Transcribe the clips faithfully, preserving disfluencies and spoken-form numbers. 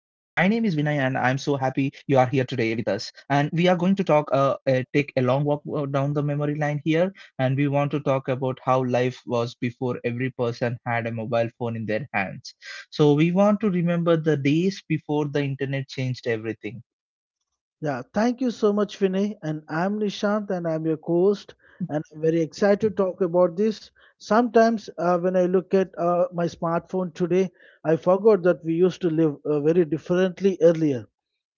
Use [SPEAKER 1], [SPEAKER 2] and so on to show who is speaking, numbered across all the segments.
[SPEAKER 1] you are here today with us. And we are going to talk, uh, uh, take a long walk uh, down the memory line here. And we want to talk about how life was before every person had a mobile phone in their hands. So, we want to remember the days before the internet changed everything.
[SPEAKER 2] Yeah, thank you so much, Vinay. And I'm Nishant, and I'm your host. And I'm very excited to talk about this. Sometimes, uh, when I look at uh, my smartphone today, I forgot that we used to live uh, very differently earlier,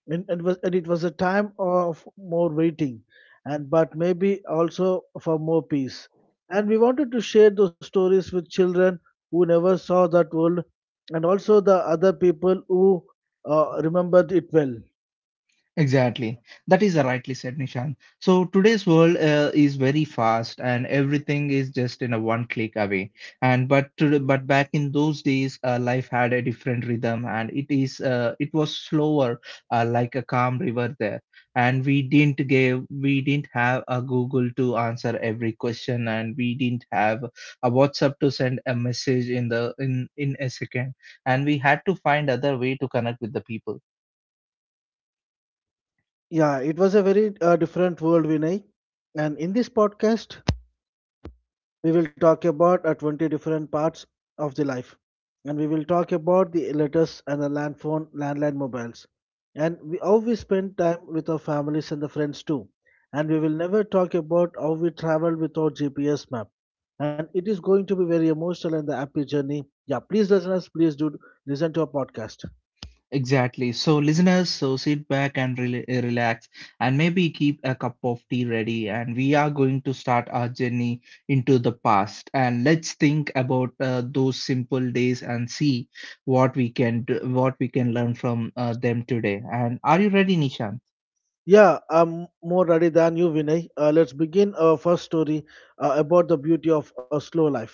[SPEAKER 2] and, and, was, and it was a time of more waiting, and but maybe also for more peace. And we wanted to share those stories with children who never saw that world, and also the other people who uh, remembered it well.
[SPEAKER 1] Exactly. That is rightly said, Nishan. So today's world uh, is very fast, and everything is just in a one click away. And but to, but back in those days, uh, life had a different rhythm, and it is uh, it was slower, uh, like a calm river there. And we didn't give, we didn't have a Google to answer every question, and we didn't have a WhatsApp to send a message in the in in a second. And we had to find other way to connect with the people.
[SPEAKER 2] Yeah, it was a very uh, different world, Vinay. And in this podcast, we will talk about uh, twenty different parts of the life. And we will talk about the letters and the land phone, landline mobiles. And we, how we spend time with our families and the friends too. And we will never talk about how we travel without G P S map. And it is going to be very emotional and the happy journey. Yeah, please listeners, please do listen to our podcast.
[SPEAKER 1] Exactly. So, listeners, so sit back and rela- uh, relax, and maybe keep a cup of tea ready. And we are going to start our journey into the past. And let's think about uh, those simple days and see what we can do, what we can learn from uh, them today. And are you ready, Nishan?
[SPEAKER 2] Yeah, I'm more ready than you, Vinay. Uh, let's begin our first story uh, about the beauty of a slow life.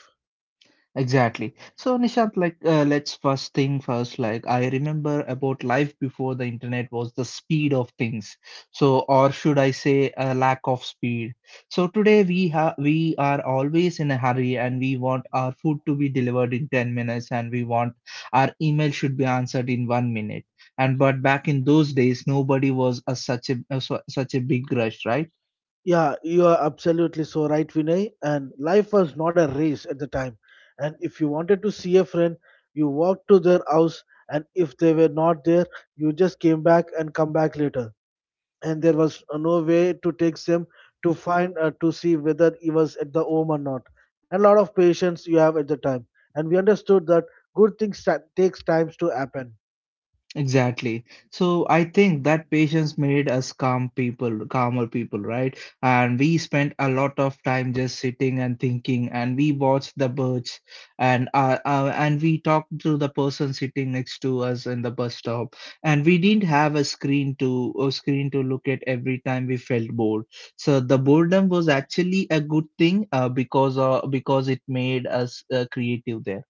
[SPEAKER 1] Exactly. So, Nishant, like, uh, let's first thing first. Like, I remember about life before the internet was the speed of things. So, or should I say, a lack of speed. So today we have we are always in a hurry, and we want our food to be delivered in ten minutes, and we want our email should be answered in one minute. And but back in those days, nobody was a, such a, a so- such a big rush, right?
[SPEAKER 2] Yeah, you are absolutely so right, Vinay. And life was not a race at the time. And if you wanted to see a friend, you walked to their house, and if they were not there, you just came back and come back later. And there was uh, no way to take them to find uh, to see whether he was at the home or not. A lot of patience you have at the time, and we understood that good things ta- takes times to happen.
[SPEAKER 1] Exactly. So I think that patience made us calm people, calmer people, right? And we spent a lot of time just sitting and thinking, and we watched the birds, and uh, uh, and we talked to the person sitting next to us in the bus stop, and we didn't have a screen to a screen to look at every time we felt bored. So the boredom was actually a good thing, uh, because uh, because it made us uh, creative then.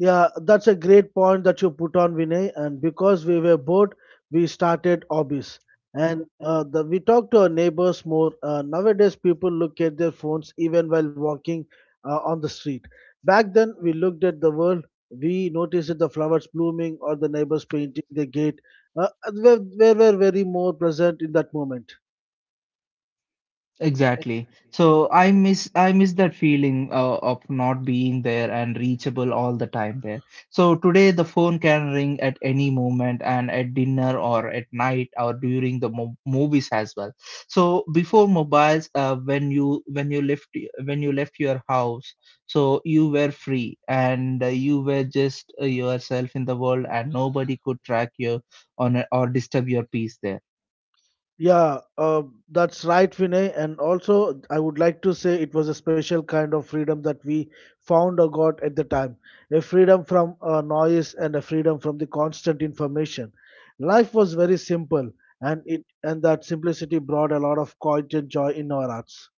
[SPEAKER 2] Yeah, that's a great point that you put on, Vinay. And because we were bored, we started hobbies. And uh, the, we talk to our neighbors more. Uh, nowadays, people look at their phones even while walking uh, on the street. Back then, we looked at the world. We noticed that the flowers blooming or the neighbors painting the gate. Uh, we were, were very more present in that moment.
[SPEAKER 1] Exactly. So I miss I miss that feeling uh, of not being there and reachable all the time there. So today the phone can ring at any moment and at dinner or at night or during the mo movies as well. So before mobiles, uh, when you when you left when you left your house, so you were free and uh, you were just uh, yourself in the world and nobody could track you on or disturb your peace there.
[SPEAKER 2] Yeah, uh, that's right, Vinay. And also, I would like to say it was a special kind of freedom that we found or got at the time, a freedom from uh, noise and a freedom from the constant information. Life was very simple, and it and that simplicity brought a lot of quiet and joy in our hearts.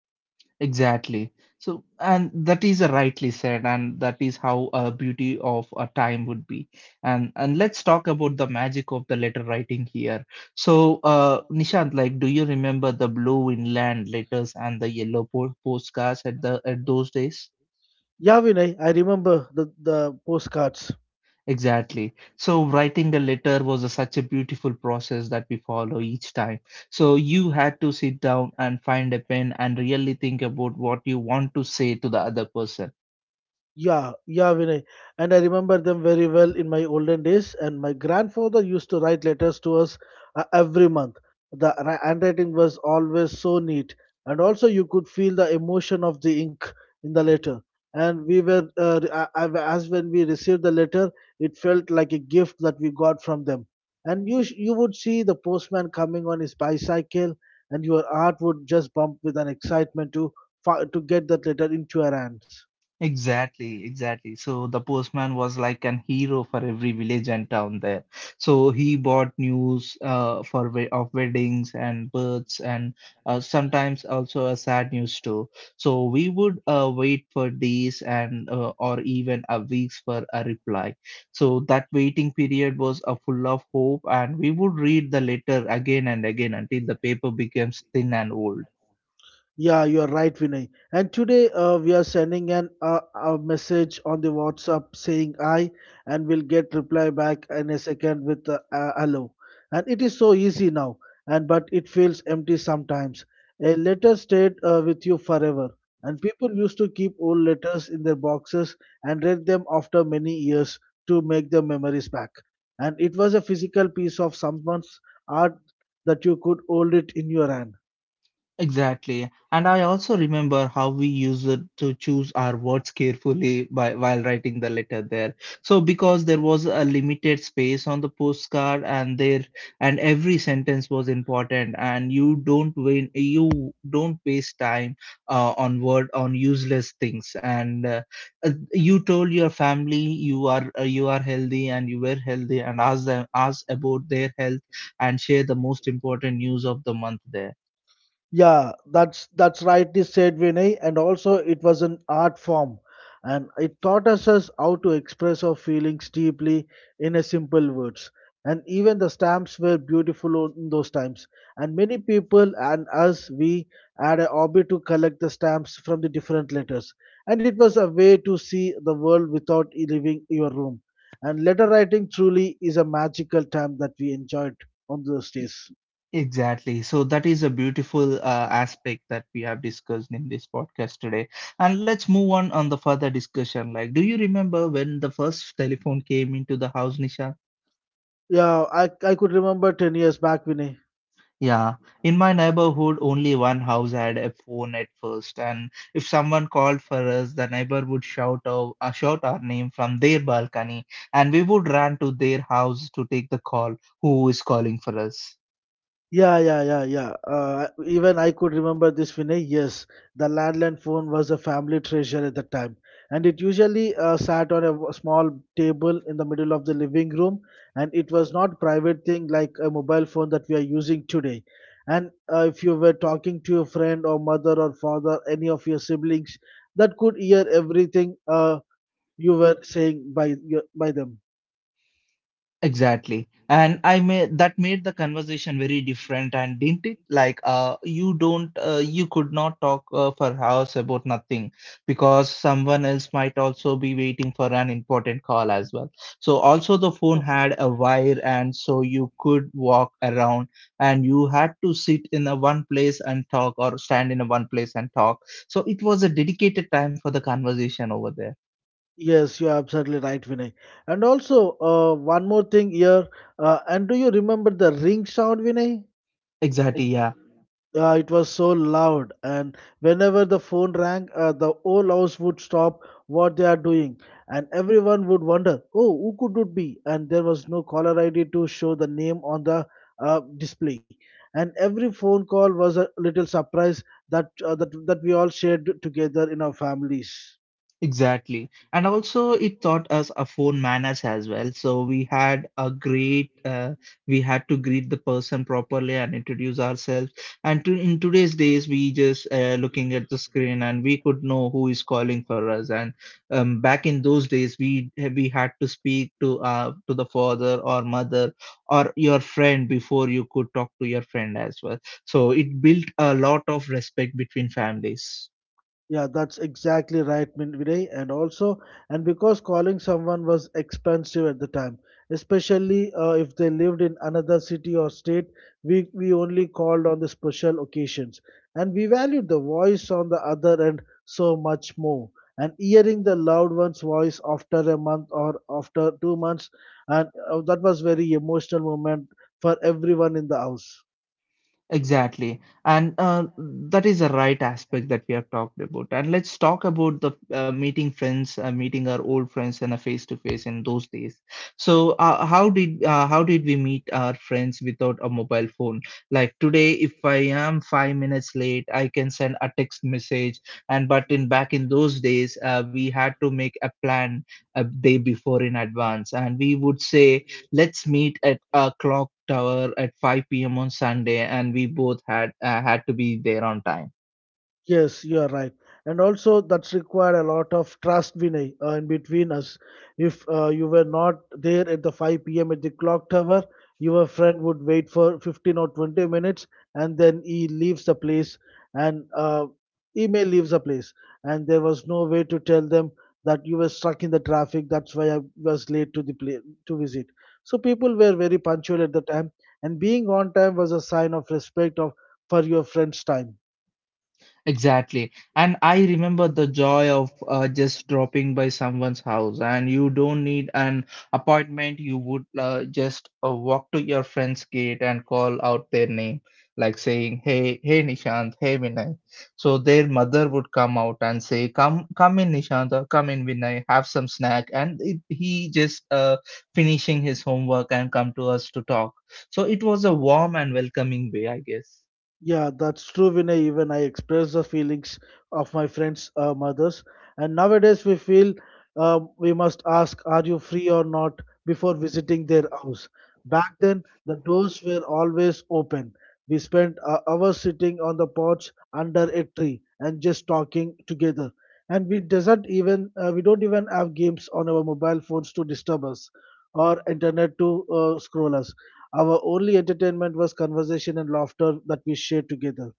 [SPEAKER 1] Exactly. So, and that is uh, rightly said, and that is how a beauty of a time would be. And and let's talk about the magic of the letter writing here. So, uh, Nishant, like, do you remember the blue inland letters and the yellow po postcards at the at those days?
[SPEAKER 2] Yeah, Vinay, I remember the, the postcards.
[SPEAKER 1] Exactly. So, writing a letter was a, such a beautiful process that we follow each time. So, you had to sit down and find a pen and really think about what you want to say to the other person.
[SPEAKER 2] Yeah, yeah, Vinay. And I remember them very well in my olden days. And my grandfather used to write letters to us uh, every month. The ra- handwriting was always so neat. And also, you could feel the emotion of the ink in the letter. And we were, uh, re- a- a- as when we received the letter, it felt like a gift that we got from them. And you, sh- you would see the postman coming on his bicycle, and your heart would just bump with an excitement to, fi- to get that letter into your hands.
[SPEAKER 1] Exactly, exactly. So the postman was like an hero for every village and town there. So he brought news uh, for we- of weddings and births and uh, sometimes also a sad news too. So we would uh, wait for days and uh, or even a weeks for a reply. So that waiting period was a full of hope, and we would read the letter again and again until the paper becomes thin and old.
[SPEAKER 2] Yeah, you are right, Vinay. And today uh, we are sending an uh, a message on the WhatsApp saying "I," and we'll get reply back in a second with uh, uh, "hello." And it is so easy now, and but it feels empty sometimes. A letter stayed uh, with you forever, and people used to keep old letters in their boxes and read them after many years to make the memories back. And it was a physical piece of someone's art that you could hold it in your hand.
[SPEAKER 1] Exactly. And I also remember how we used it to choose our words carefully by while writing the letter there. So because there was a limited space on the postcard and there and every sentence was important and you don't win you don't waste time uh, on word on useless things and uh, uh, you told your family you are uh, you are healthy and you were healthy and ask them ask about their health and share the most important news of the month there.
[SPEAKER 2] Yeah, that's that's rightly said, Vinay. And also, it was an art form, and it taught us us how to express our feelings deeply in a simple words. And even the stamps were beautiful o- in those times. And many people and us, we had a hobby to collect the stamps from the different letters. And it was a way to see the world without e- leaving your room. And letter writing truly is a magical time that we enjoyed on those days.
[SPEAKER 1] Exactly. So that is a beautiful uh, aspect that we have discussed in this podcast today. And let's move on on the further discussion. Like, do you remember when the first telephone came into the house, Nisha?
[SPEAKER 2] Yeah, I I could remember ten years back, Vinay.
[SPEAKER 1] Yeah. In my neighborhood, only one house had a phone at first, and if someone called for us, the neighbor would shout out, uh, shout our name from their balcony, and we would run to their house to take the call. Who is calling for us?
[SPEAKER 2] Yeah, yeah, yeah, yeah. Uh, even I could remember this, Vinay. Yes, the landline phone was a family treasure at the time, and it usually uh, sat on a w- small table in the middle of the living room, and it was not private thing like a mobile phone that we are using today. And uh, if you were talking to your friend or mother or father, any of your siblings, that could hear everything uh, you were saying by your, by them.
[SPEAKER 1] Exactly. And I made that made the conversation very different and didn't it? Like uh you don't uh, you could not talk uh, for hours about nothing because someone else might also be waiting for an important call as well. So also the phone had a wire and so you could walk around and you had to sit in a one place and talk or stand in a one place and talk. So it was a dedicated time for the conversation over there.
[SPEAKER 2] Yes, you're absolutely right, Vinay. And also, uh, one more thing here. Uh, and do you remember the ring sound, Vinay?
[SPEAKER 1] Exactly, yeah.
[SPEAKER 2] Uh, it was so loud, and whenever the phone rang, uh, the whole house would stop what they are doing, and everyone would wonder, "Oh, who could it be?" And there was no caller I D to show the name on the uh, display, and every phone call was a little surprise that uh, that that we all shared together in our families.
[SPEAKER 1] Exactly. And also, it taught us a phone manners as well. So we had a great, uh, we had to greet the person properly and introduce ourselves. And to, in today's days, we just uh, looking at the screen and we could know who is calling for us. And um, back in those days, we we had to speak to uh, to the father or mother or your friend before you could talk to your friend as well. So it built a lot of respect between families.
[SPEAKER 2] Yeah, that's exactly right, Min- Vinay. And also, and because calling someone was expensive at the time, especially uh, if they lived in another city or state, we, we only called on the special occasions. And we valued the voice on the other end so much more. And hearing the loved one's voice after a month or after two months, and uh, that was very emotional moment for everyone in the house.
[SPEAKER 1] Exactly. And uh, that is the right aspect that we have talked about. And let's talk about the uh, meeting friends, uh, meeting our old friends in a face to face in those days. So uh, how did uh, how did we meet our friends without a mobile phone? Like today, if I am five minutes late, I can send a text message. And but in back in those days, uh, we had to make a plan a day before in advance, and we would say let's meet at a clock tower at five p m on Sunday, and we both had uh, had to be there on time.
[SPEAKER 2] Yes, you are right. And also, that's required a lot of trust, Vinay, uh, in between us. If uh, you were not there at the five p m at the clock tower, your friend would wait for fifteen or twenty minutes and then he leaves the place and uh, he may leave the place. And there was no way to tell them that you were stuck in the traffic. That's why I was late to the place to visit. So people were very punctual at the time, and being on time was a sign of respect of for your friend's time.
[SPEAKER 1] Exactly. And I remember the joy of uh, just dropping by someone's house, and you don't need an appointment. You would uh, just uh, walk to your friend's gate and call out their name, like saying, "Hey, hey, Nishant, hey, Vinay." So their mother would come out and say, "Come, come in, Nishant, or come in, Vinay. Have some snack." And it, he just uh, finishing his homework and come to us to talk. So it was a warm and welcoming way, I guess.
[SPEAKER 2] Yeah, that's true, Vinay. Even I express the feelings of my friends' uh, mothers. And nowadays, we feel um, we must ask, "Are you free or not," before visiting their house. Back then, the doors were always open. We spent uh, hours sitting on the porch under a tree and just talking together. And we doesn't even uh, we don't even have games on our mobile phones to disturb us or internet to uh, scroll us. Our only entertainment was conversation and laughter that we shared together.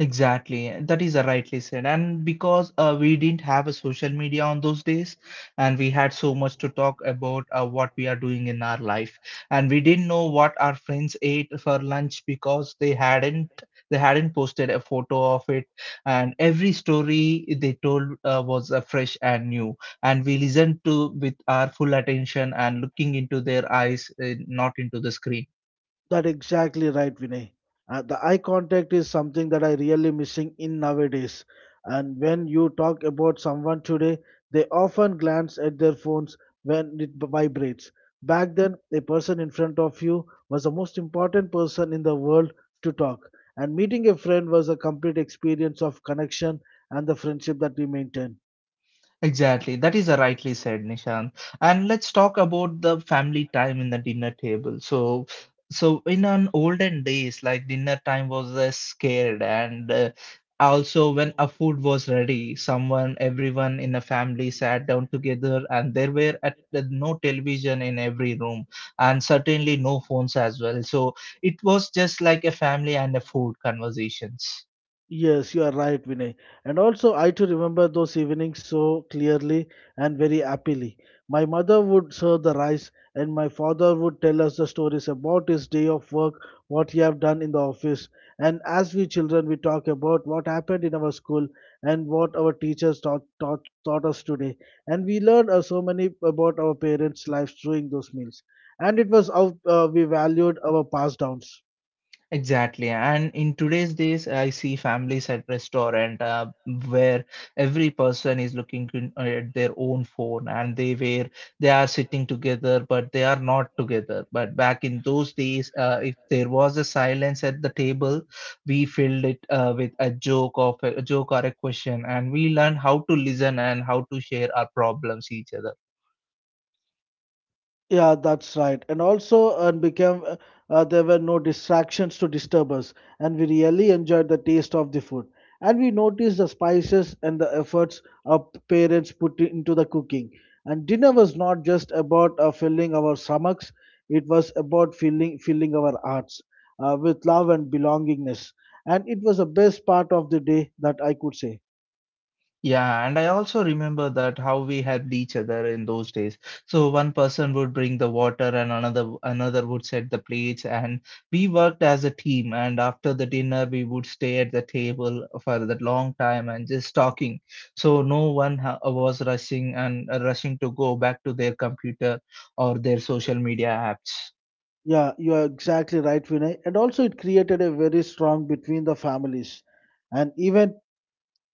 [SPEAKER 1] Exactly, that is rightly said. And because uh, we didn't have a social media on those days, and we had so much to talk about uh, what we are doing in our life, and we didn't know what our friends ate for lunch because they hadn't they hadn't posted a photo of it, and every story they told uh, was uh, fresh and new, and we listened to with our full attention and looking into their eyes, uh, not into the screen.
[SPEAKER 2] That exactly right, Vinay. Uh, the eye contact is something that I really missing in nowadays. And when you talk about someone today, they often glance at their phones when it vibrates. Back then, a person in front of you was the most important person in the world to talk. And meeting a friend was a complete experience of connection and the friendship that we maintained.
[SPEAKER 1] Exactly. That is a rightly said, Nishant. And let's talk about the family time in the dinner table. So, so in an olden days, like dinner time was uh, scared, and uh, also when a food was ready, someone, everyone in a family sat down together, and there were at, no television in every room, and certainly no phones as well. So it was just like a family and a food conversations.
[SPEAKER 2] Yes, you are right, Vinay. And also, I too remember those evenings so clearly and very happily. My mother would serve the rice, and my father would tell us the stories about his day of work, what he have done in the office. And as we children, we talk about what happened in our school and what our teachers taught, taught, taught us today. And we learned uh, so many about our parents' lives during those meals. And it was how uh, we valued our pass downs.
[SPEAKER 1] Exactly. And in today's days, I see families at restaurant uh, where every person is looking in, uh, at their own phone and they were they are sitting together, but they are not together. But back in those days, uh, if there was a silence at the table, we filled it uh, with a joke of a, joke or a question, and we learned how to listen and how to share our problems each other.
[SPEAKER 2] Yeah, that's right. And also, and became uh, uh, There were no distractions to disturb us, and we really enjoyed the taste of the food. And we noticed the spices and the efforts our parents put into the cooking. And dinner was not just about uh, filling our stomachs; it was about filling filling our hearts uh, with love and belongingness. And it was the best part of the day that I could say.
[SPEAKER 1] Yeah, and I also remember that how we helped each other in those days. So one person would bring the water and another another would set the plates and we worked as a team and after the dinner we would stay at the table for that long time and just talking. So no one ha was rushing and uh, rushing to go back to their computer or their social media apps.
[SPEAKER 2] Yeah, you are exactly right, Vinay. And also, it created a very strong between the families and even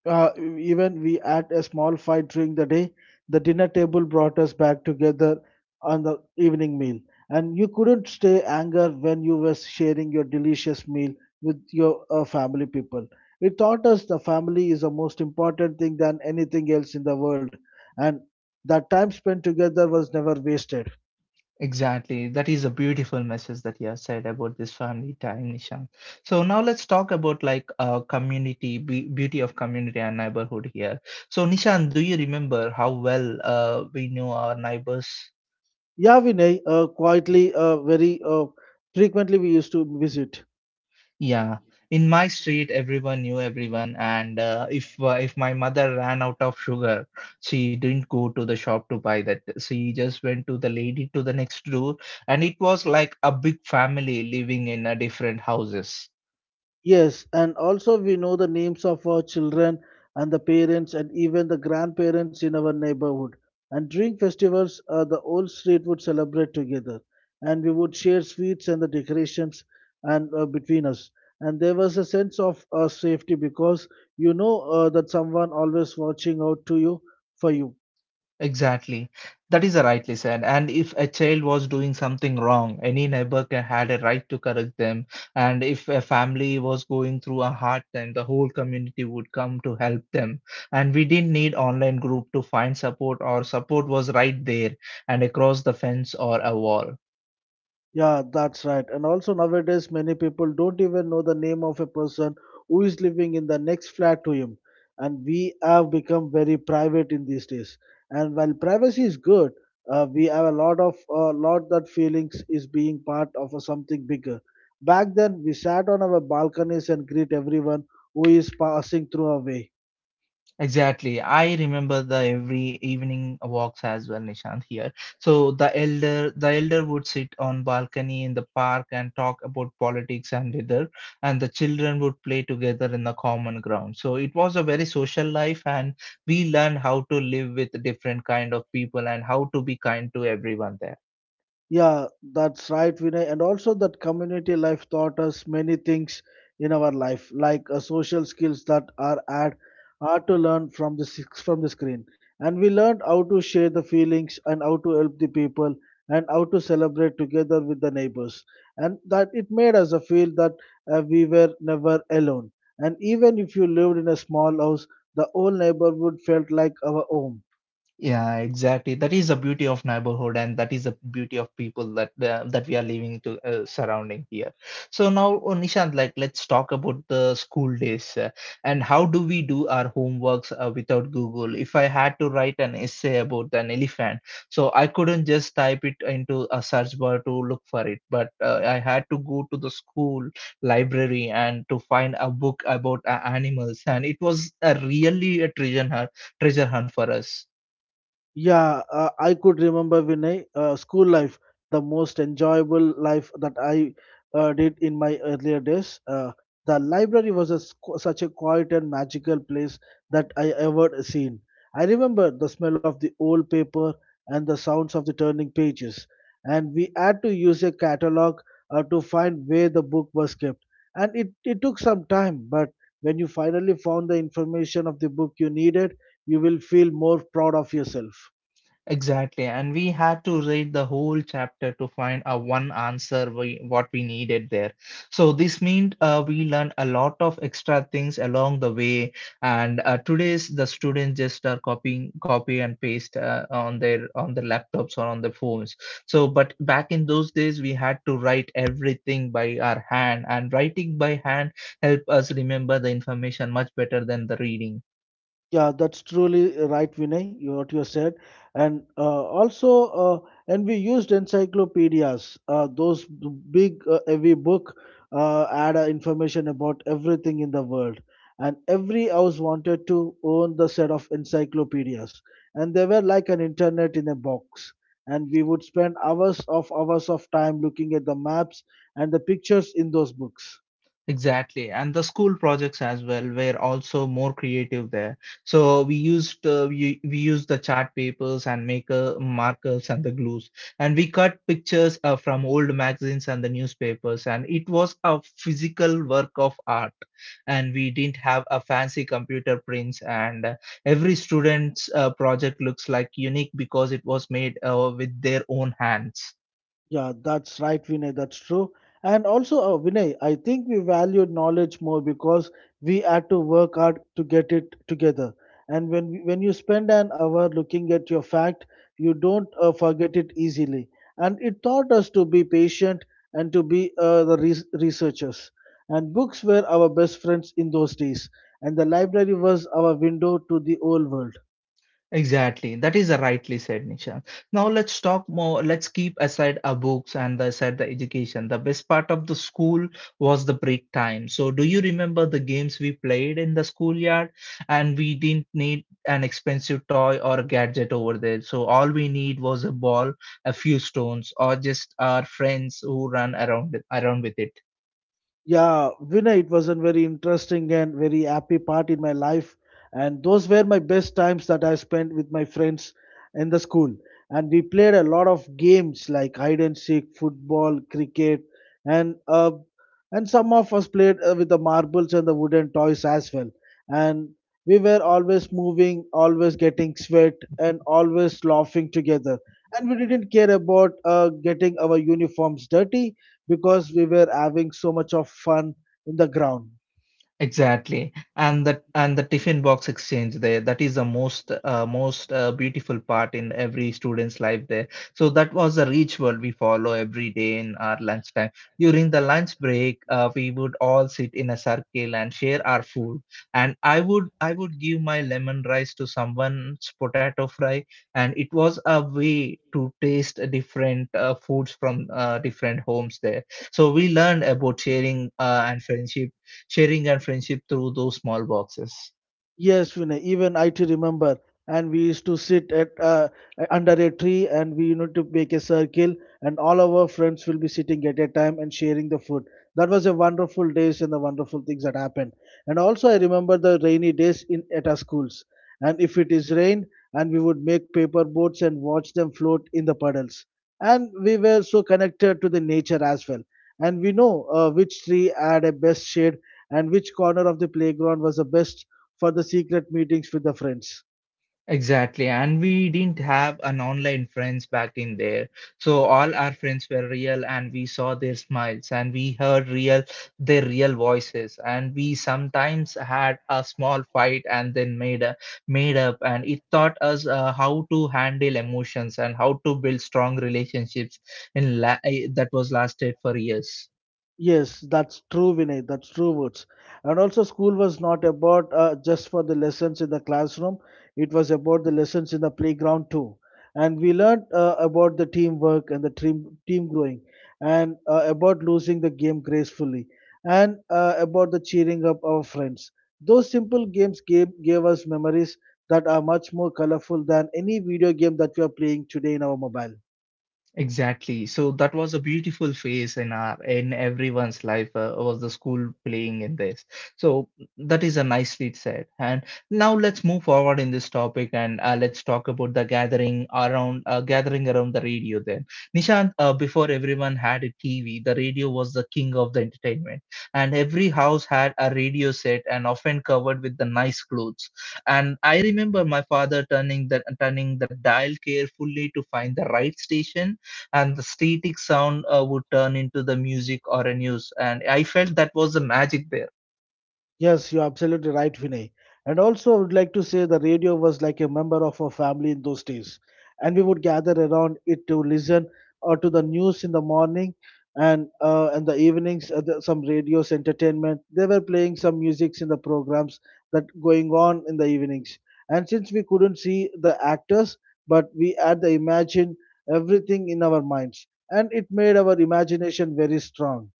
[SPEAKER 2] uh, even we had a small fight during the day. The dinner table brought us back together on the evening meal, and you couldn't stay anger when you were sharing your delicious meal with your uh, family people. It taught us the family is the most important thing than anything else in the world, and that time spent together was never wasted.
[SPEAKER 1] Exactly. That is a beautiful message that you have said about this family time, Nishan. So now let's talk about like uh, community, be- beauty of community and neighborhood here. So Nishan, do you remember how well uh, we knew our neighbors?
[SPEAKER 2] Yeah, Vinay, uh, quietly, uh, very uh, frequently we used to visit.
[SPEAKER 1] Yeah. In my street, everyone knew everyone, and uh, if uh, if my mother ran out of sugar, she didn't go to the shop to buy that. She just went to the lady to the next door, and it was like a big family living in a different houses.
[SPEAKER 2] Yes, and also we know the names of our children and the parents and even the grandparents in our neighborhood. And during festivals, uh, the whole street would celebrate together, and we would share sweets and the decorations and uh, between us. And there was a sense of uh, safety because you know uh, that someone always watching out to you for you.
[SPEAKER 1] Exactly. That is rightly said. And if a child was doing something wrong, any neighbor ca- had a right to correct them. And if a family was going through a hard time, the whole community would come to help them. And we didn't need online group to find support. Our support was right there and across the fence or a wall.
[SPEAKER 2] Yeah, that's right. And also nowadays, many people don't even know the name of a person who is living in the next flat to him. And we have become very private in these days. And while privacy is good, uh, we have a lot of uh, lot that feelings is being part of a something bigger. Back then, we sat on our balconies and greet everyone who is passing through our way.
[SPEAKER 1] Exactly. I remember the every evening walks as well, Nishant here. So the elder the elder would sit on balcony in the park and talk about politics and weather, and the children would play together in the common ground. So it was a very social life and we learned how to live with different kind of people and how to be kind to everyone there.
[SPEAKER 2] Yeah, that's right, Vinay. And also, that community life taught us many things in our life, like uh, social skills that are at are to learn from the six from the screen. And we learned how to share the feelings and how to help the people and how to celebrate together with the neighbors. And that it made us uh, feel that uh, we were never alone. And even if you lived in a small house, the whole neighborhood felt like our home.
[SPEAKER 1] Yeah, exactly. That is the beauty of neighborhood, and that is the beauty of people that uh, that we are living to uh, surrounding here. So now, uh, Nishant, like let's talk about the school days uh, and how do we do our homeworks uh, without Google? If I had to write an essay about an elephant, so I couldn't just type it into a search bar to look for it, but uh, I had to go to the school library and to find a book about uh, animals, and it was a really a treasure hunt, treasure hunt for us.
[SPEAKER 2] Yeah, uh, I could remember Vinay, uh, school life, the most enjoyable life that I uh, did in my earlier days. Uh, the library was a, squ- such a quiet and magical place that I ever seen. I remember the smell of the old paper and the sounds of the turning pages, and we had to use a catalog uh, to find where the book was kept. And it, it took some time, but when you finally found the information of the book you needed, you will feel more proud of yourself.
[SPEAKER 1] Exactly, and we had to read the whole chapter to find a one answer we, what we needed there. So this meant uh, we learned a lot of extra things along the way, and uh, today's the students just are copying, copy and paste uh, on their on their laptops or on their phones. So, but back in those days, we had to write everything by our hand, and writing by hand help us remember the information much better than the reading.
[SPEAKER 2] Yeah, that's truly right, Vinay, you- what you said. And uh, also, uh, and we used encyclopedias, uh, those b- big, uh, heavy book uh, had uh, information about everything in the world. And every house wanted to own the set of encyclopedias. And they were like an internet in a box. And we would spend hours of hours of time looking at the maps and the pictures in those books.
[SPEAKER 1] Exactly, and the school projects as well were also more creative there. So we used uh, we, we used the chart papers and maker markers and the glues, and we cut pictures uh, from old magazines and the newspapers, and it was a physical work of art. And we didn't have a fancy computer prints, and uh, every student's uh, project looks like unique because it was made uh, with their own hands.
[SPEAKER 2] Yeah, that's right, Vinay. That's true. And also, uh, Vinay, I think we value knowledge more because we had to work hard to get it together. And when when you spend an hour looking at your fact, you don't uh, forget it easily. And it taught us to be patient and to be uh, the res- researchers. And books were our best friends in those days. And the library was our window to the old world.
[SPEAKER 1] Exactly. That is rightly said, Nisha. Now let's talk more. Let's keep aside our books and the, aside the education. The best part of the school was the break time. So do you remember the games we played in the schoolyard? And we didn't need an expensive toy or a gadget over there. So all we need was a ball, a few stones, or just our friends who run around around with it.
[SPEAKER 2] Yeah, Vinay, it was a very interesting and very happy part in my life. And those were my best times that I spent with my friends in the school. And we played a lot of games like hide and seek, football, cricket, and uh, and some of us played uh, with the marbles and the wooden toys as well. And we were always moving, always getting sweat, and always laughing together. And we didn't care about uh, getting our uniforms dirty because we were having so much of fun in the ground.
[SPEAKER 1] Exactly, and that and the tiffin box exchange there, that is the most uh, most uh, beautiful part in every student's life there. So that was a ritual we follow every day in our lunchtime. During the lunch break, uh, we would all sit in a circle and share our food. And I would I would give my lemon rice to someone's potato fry, and it was a way to taste different uh, foods from uh, different homes there. So we learned about sharing uh, and friendship sharing and friendship through those small boxes.
[SPEAKER 2] Yes, Vinay, even I to remember. And we used to sit at uh, under a tree and we need to make a circle and all of our friends will be sitting at a time and sharing the food. That was a wonderful days and the wonderful things that happened. And also I remember the rainy days in at our schools. And if it is rain and we would make paper boats and watch them float in the puddles. And we were so connected to the nature as well and we know uh, which tree had a best shade and which corner of the playground was the best for the secret meetings with the friends.
[SPEAKER 1] Exactly. And we didn't have an online friends back in there. So all our friends were real and we saw their smiles and we heard real their real voices and we sometimes had a small fight and then made a, made up and it taught us uh, how to handle emotions and how to build strong relationships in la- eh, that was lasted for years.
[SPEAKER 2] Yes, that's true, Vinay. That's true words. And also, school was not about uh, just for the lessons in the classroom. It was about the lessons in the playground too. And we learned uh, about the teamwork and the team team growing, and uh, about losing the game gracefully, and uh, about the cheering up our friends. Those simple games gave gave us memories that are much more colorful than any video game that we are playing today in our mobile.
[SPEAKER 1] Exactly. So that was a beautiful phase in our in everyone's life uh, was the school playing in this. So that is a nicely said. And now let's move forward in this topic and uh, let's talk about the gathering around uh, gathering around the radio then. Nishant, uh, before everyone had a T V, the radio was the king of the entertainment. And every house had a radio set and often covered with the nice clothes. And I remember my father turning the turning the dial carefully to find the right station and the static sound uh, would turn into the music or a news and I felt that was the magic there.
[SPEAKER 2] Yes, you're absolutely right, Vinay. And also, I would like to say the radio was like a member of our family in those days. And we would gather around it to listen uh, to the news in the morning and uh, and the evenings, uh, the, some radios, entertainment. They were playing some musics in the programs that going on in the evenings. And since we couldn't see the actors, but we had the imagine everything in our minds. And it made our imagination very strong.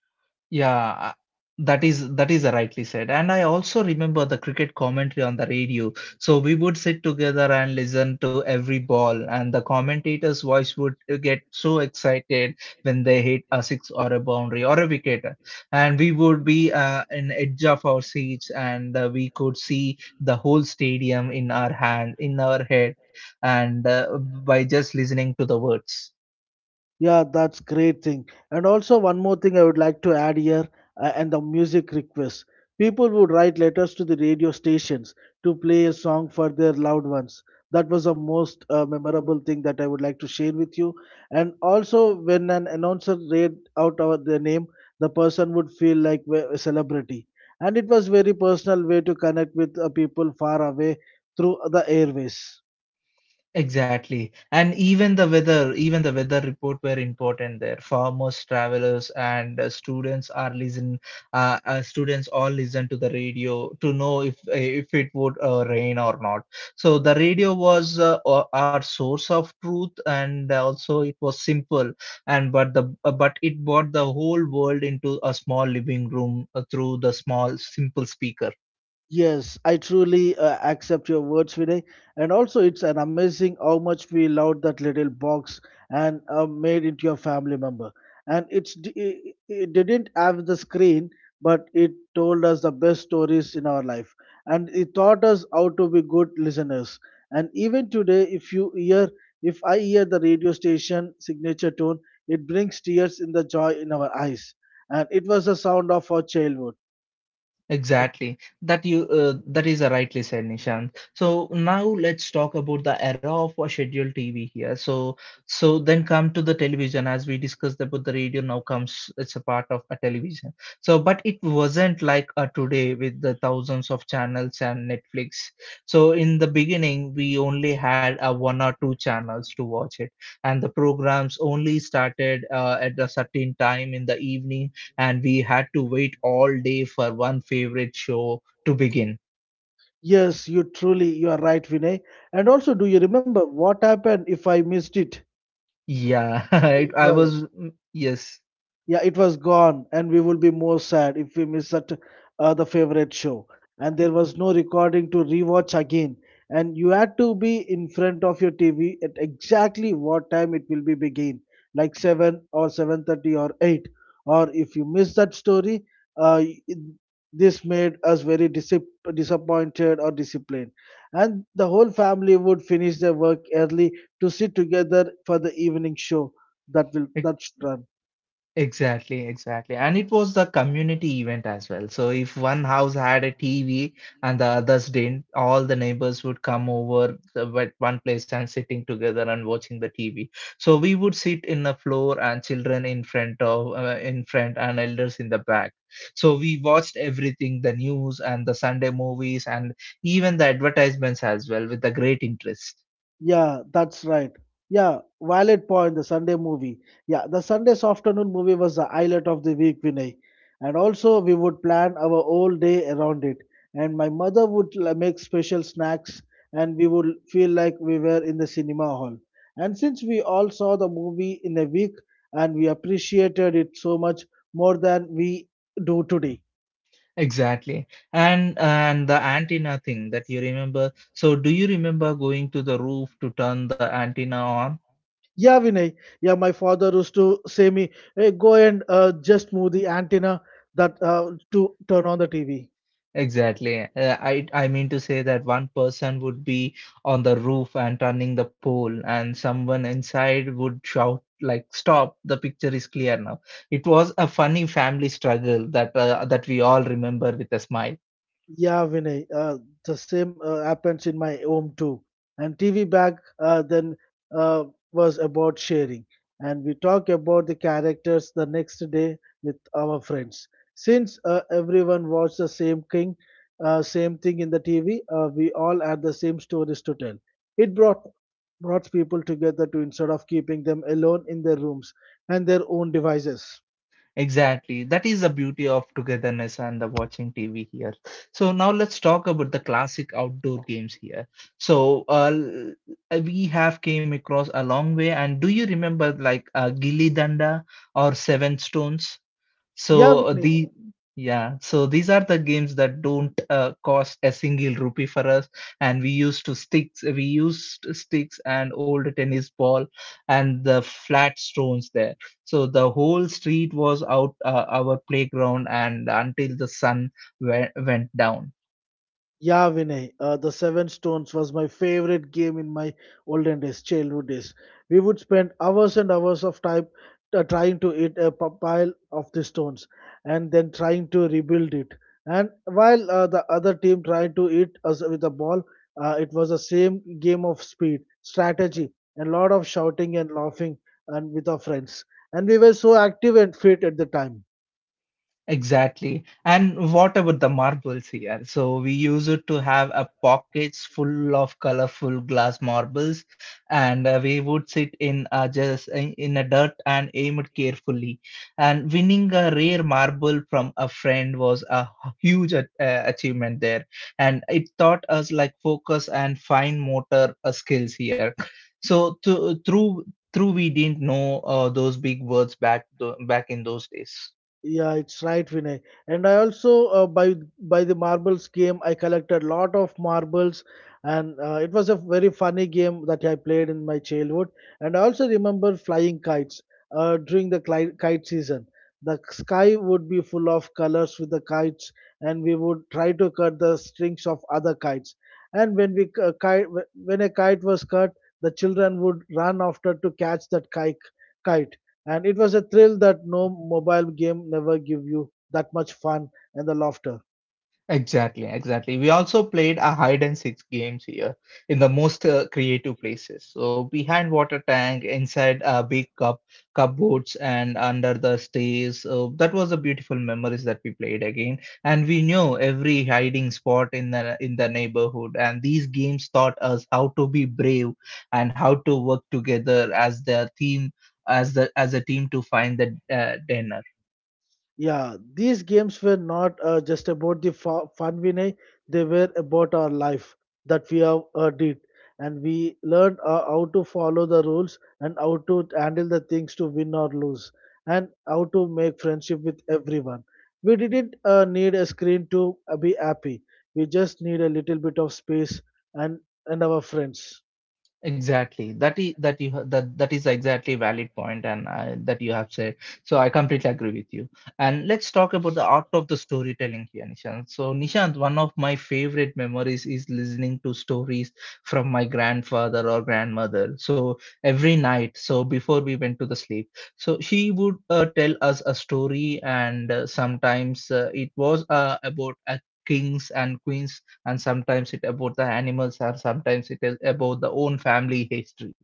[SPEAKER 1] Yeah, uh, that is that is rightly said. And I also remember the cricket commentary on the radio. So we would sit together and listen to every ball, and the commentator's voice would uh, get so excited when they hit a six or a boundary or a wicket, and we would be uh, in edge of our seats, and uh, we could see the whole stadium in our hand, in our head, and uh, by just listening to the words.
[SPEAKER 2] Yeah, that's great thing. And also one more thing I would like to add here, uh, and the music requests. People would write letters to the radio stations to play a song for their loved ones. That was the most uh, memorable thing that I would like to share with you. And also, when an announcer read out our, their name, the person would feel like we- a celebrity. And it was very personal way to connect with uh, people far away through the airways.
[SPEAKER 1] Exactly. And even the weather, even the weather report were important there. Farmers, travelers, and uh, students are listen. Uh, uh, students all listen to the radio to know if if it would uh, rain or not. So the radio was uh, o- our source of truth, and also it was simple. And but the uh, but it brought the whole world into a small living room uh, through the small simple speaker.
[SPEAKER 2] Yes, I truly uh, accept your words, Vinay. And also, it's an amazing how much we loved that little box and uh, made it your family member. And it's d- it, it didn't have the screen, but it told us the best stories in our life, and it taught us how to be good listeners. And even today, if you hear, if I hear the radio station signature tone, it brings tears in the joy in our eyes. And it was the sound of our childhood.
[SPEAKER 1] Exactly. That you uh, that is uh, rightly said, Nishant. So now let's talk about the era of uh, scheduled T V here. So so then come to the television as we discussed about the radio now comes it's a part of a television. So but it wasn't like uh, today with the thousands of channels and Netflix. So in the beginning we only had uh, one or two channels to watch it, and the programs only started uh, at a certain time in the evening and we had to wait all day for one favorite show to begin.
[SPEAKER 2] Yes, you truly you are right, Vinay. And also, do you remember what happened if I missed it?
[SPEAKER 1] Yeah, I,
[SPEAKER 2] It
[SPEAKER 1] I
[SPEAKER 2] was
[SPEAKER 1] was, mm, yes.
[SPEAKER 2] yeah it was gone and we would be more sad if we miss that uh, the favorite show, and there was no recording to rewatch again, and you had to be in front of your tv at exactly what time it will be begin, like seven or seven thirty or eight, or if you miss that story, uh, it- this made us very disip- disappointed or disciplined, and the whole family would finish their work early to sit together for the evening show that will that's run.
[SPEAKER 1] Exactly, exactly. And it was the community event as well. So if one house had a T V and the others didn't, all the neighbors would come over the- at one place and sitting together and watching the T V. So we would sit in the floor and children in front of uh, in front and elders in the back. So we watched everything, the news and the Sunday movies and even the advertisements as well with a great interest.
[SPEAKER 2] Yeah, that's right. Yeah, valid point. The Sunday movie. Yeah, the Sunday's afternoon movie was the highlight of the week, Vinay. And also, we would plan our whole day around it. And my mother would l- make special snacks, and we would feel like we were in the cinema hall. And since we all saw the movie in a week, and we appreciated it so much more than we do today.
[SPEAKER 1] Exactly. And and the antenna thing that you remember. So do you remember going to the roof to turn the antenna on?
[SPEAKER 2] Yeah, Vinay. Yeah, my father used to say me, "Hey, go and uh, just move the antenna that uh, to turn on the T V."
[SPEAKER 1] Exactly. Uh, I I mean to say that one person would be on the roof and turning the pole, and someone inside would shout like, "Stop! The picture is clear now." It was a funny family struggle that uh, that we all remember with a smile.
[SPEAKER 2] Yeah, Vinay. Uh, the same uh, happens in my home too. And T V back uh, then uh, was about sharing, and we talk about the characters the next day with our friends. Since uh, everyone watched the same thing, uh, same thing in the T V, uh, we all had the same stories to tell. It brought brought people together to instead of keeping them alone in their rooms and their own devices.
[SPEAKER 1] Exactly. That is the beauty of togetherness and the watching T V here. So now let's talk about the classic outdoor games here. So uh, l- uh, we have came across a long way. And do you remember like uh, Gilly Danda or Seven Stones?
[SPEAKER 2] Yeah,
[SPEAKER 1] So uh,
[SPEAKER 2] Vinay.
[SPEAKER 1] the yeah, so these are the games that don't uh, cost a single rupee for us, and we used to sticks, we used sticks and old tennis ball and the flat stones there. So the whole street was out uh, our playground, and until the sun we- went down.
[SPEAKER 2] Yeah, Vinay, uh, the Seven Stones was my favorite game in my olden days, childhood days. We would spend hours and hours of time uh, trying to eat a p- pile of the stones and then trying to rebuild it. And while uh, the other team tried to eat us with a ball, uh, it was the same game of speed, strategy, and a lot of shouting and laughing and with our friends. And we were so active and fit at the time.
[SPEAKER 1] Exactly. And what about the marbles here? So we used it to have a pockets full of colorful glass marbles, and uh, we would sit in uh, just in, in a dirt and aim it carefully. And winning a rare marble from a friend was a huge a- uh, achievement there, and it taught us like focus and fine motor uh, skills here. So th- through through we didn't know uh, those big words back th- back in those days.
[SPEAKER 2] Yeah, it's right, Vinay. And I also uh, by by the marbles game, I collected a lot of marbles, and uh, it was a very funny game that I played in my childhood. And I also remember flying kites uh, during the cli- kite season. The sky would be full of colors with the kites, and we would try to cut the strings of other kites. And when we uh, kite, when a kite was cut, the children would run after to catch that kite. Kite, and it was a thrill that no mobile game never give you that much fun and the laughter.
[SPEAKER 1] Exactly, exactly. We also played a hide and seek games here in the most uh, creative places. So behind water tank, inside uh, big cup cupboards, and under the stairs. So that was a beautiful memories that we played again. And we knew every hiding spot in the in the neighborhood. And these games taught us how to be brave and how to work together as the team, as the as a team to find the uh, dinner.
[SPEAKER 2] Yeah these games were not uh, just about the fu- fun Vinay, they were about our life that we have uh, did, and we learned uh, how to follow the rules and how to handle the things to win or lose, and how to make friendship with everyone. We didn't uh, need a screen to uh, be happy. We just need a little bit of space, and and our friends.
[SPEAKER 1] Exactly. That is that you ha- that that is exactly valid point and uh, that you have said. So I completely agree with you. And let's talk about the art of the storytelling here, Nishant. So Nishant, one of my favorite memories is listening to stories from my grandfather or grandmother. So every night, so before we went to the sleep, so she would uh, tell us a story, and uh, sometimes uh, it was uh, about a kings and queens, and sometimes it about the animals, or sometimes it is about the own family history.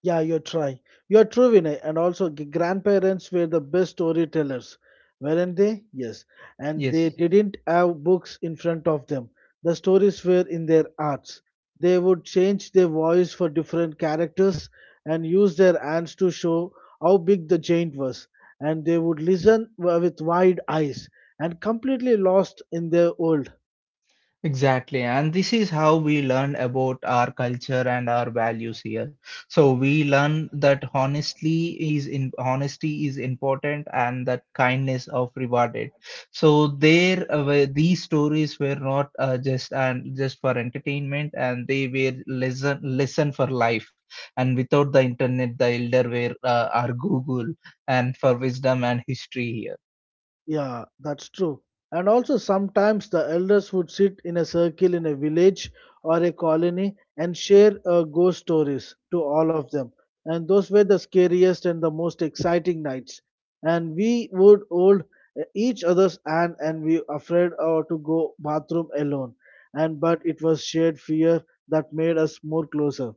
[SPEAKER 2] Yeah, you're trying. You're true, Vinay. And also, g- grandparents were the best storytellers, weren't they? Yes. And they
[SPEAKER 1] Yes.
[SPEAKER 2] didn't have books in front of them. The stories were in their hearts. They would change their voice for different characters and use their hands to show how big the giant was. And they would listen wi- with wide eyes and completely lost in their world.
[SPEAKER 1] Exactly, and this is how we learn about our culture and our values here. So we learn that honestly is in honesty is important, and that kindness of rewarded. So there, uh, were- these stories were not uh, just and just for entertainment, and they were lesson lesson for life. And without the internet, the elder were uh, our Google, and for wisdom and history here.
[SPEAKER 2] Yeah, that's true. And also, sometimes the elders would sit in a circle in a village or a colony and share uh, ghost stories to all of them. And those were the scariest and the most exciting nights. And we would hold uh, each other's hand and we afraid uh, to go bathroom alone. And but it was shared fear that made us more closer.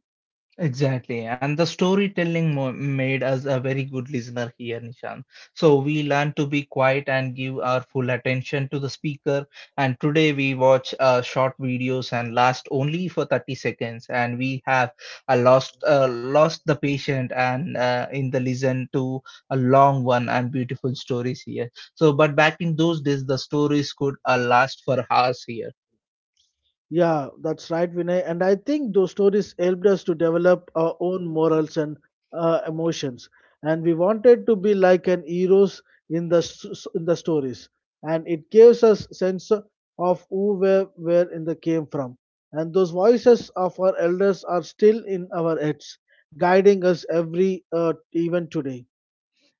[SPEAKER 1] Exactly, and the storytelling mo- made us a very good listener here, Nishan. So we learn to be quiet and give our full attention to the speaker. And today we watch uh, short videos and last only for thirty seconds. And we have uh, lost uh, lost the patient and uh, in the listen to a long one and beautiful stories here. So, but back in those days, the stories could uh, last for hours here.
[SPEAKER 2] Yeah, that's right, Vinay. And I think those stories helped us to develop our own morals and uh, emotions. And we wanted to be like an heroes in the s- in the stories. And it gives us sense of who where where in the came from. And those voices of our elders are still in our heads, guiding us every uh, even today.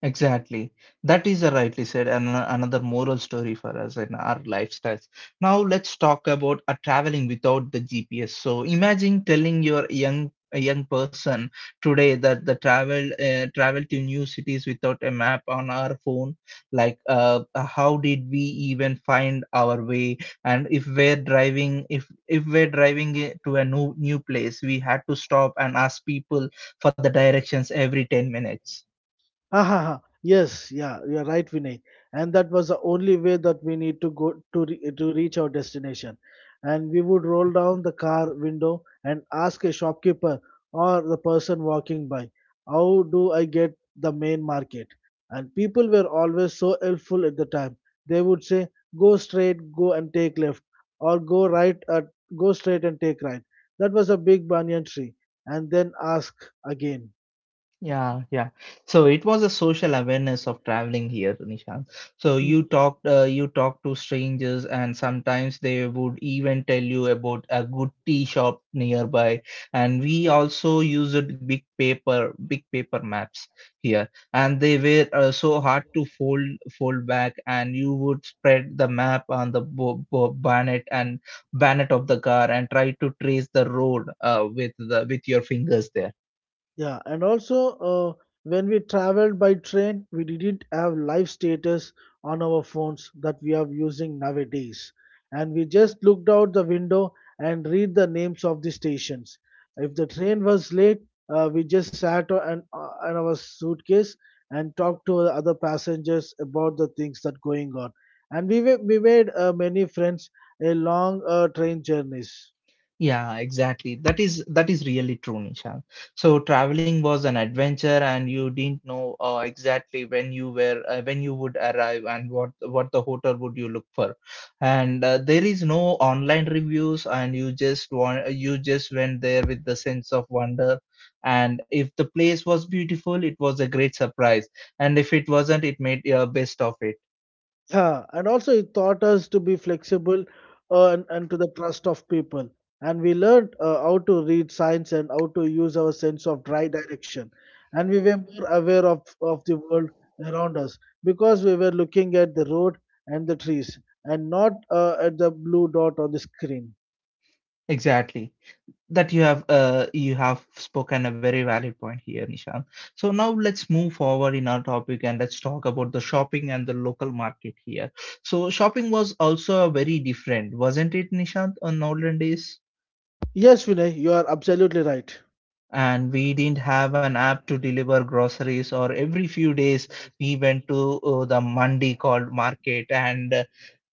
[SPEAKER 1] Exactly. That is a rightly said, and ano- another moral story for us in our lifestyles. Now let's talk about a traveling without the G P S. So imagine telling your young a young person today that the travel uh, travel to new cities without a map on our phone. Like, uh, uh, how did we even find our way? And if we're driving, if if we're driving it to a new new place, we had to stop and ask people for the directions every ten minutes.
[SPEAKER 2] Ha ha ha. Yes, yeah, you're right, Vinay. And that was the only way that we need to go to re- to reach our destination. And we would roll down the car window and ask a shopkeeper or the person walking by, "How do I get the main market?" And people were always so helpful at the time. They would say, "Go straight, go and take left, or go right at go straight and take right." That was a big banyan tree, and then ask again.
[SPEAKER 1] Yeah, yeah. So it was a social awareness of traveling here, Nishant. So you talked, uh, you talked to strangers, and sometimes they would even tell you about a good tea shop nearby. And we also used big paper, big paper maps here, and they were uh, so hard to fold, fold back. And you would spread the map on the bo bo bonnet and bonnet of the car, and try to trace the road uh, with the with your fingers there.
[SPEAKER 2] Yeah, and also uh, when we traveled by train, we didn't have live status on our phones that we are using nowadays. And we just looked out the window and read the names of the stations. If the train was late, uh, we just sat on, uh, on our suitcase and talked to the other passengers about the things that going on. And we, wa- we made uh, many friends along uh, train journeys.
[SPEAKER 1] Yeah, exactly. That is that is really true, Nishan. So traveling was an adventure, and you didn't know uh, exactly when you were uh, when you would arrive and what what the hotel would you look for. And uh, there is no online reviews, and you just want you just went there with the sense of wonder. And if the place was beautiful, it was a great surprise. And if it wasn't, it made uh, best of it.
[SPEAKER 2] Yeah, and also it taught us to be flexible uh, and, and to the trust of people. And we learned uh, how to read signs and how to use our sense of dry direction. And we were more aware of, of the world around us because we were looking at the road and the trees and not uh, at the blue dot on the screen.
[SPEAKER 1] Exactly. that you have uh, You have spoken a very valid point here, Nishant. So now let's move forward in our topic, and let's talk about the shopping and the local market here. So shopping was also very different, wasn't it, Nishant, on olden days?
[SPEAKER 2] Yes, Vinay, you are absolutely right.
[SPEAKER 1] And we didn't have an app to deliver groceries or every few days we went to uh, the mandi called market, and uh,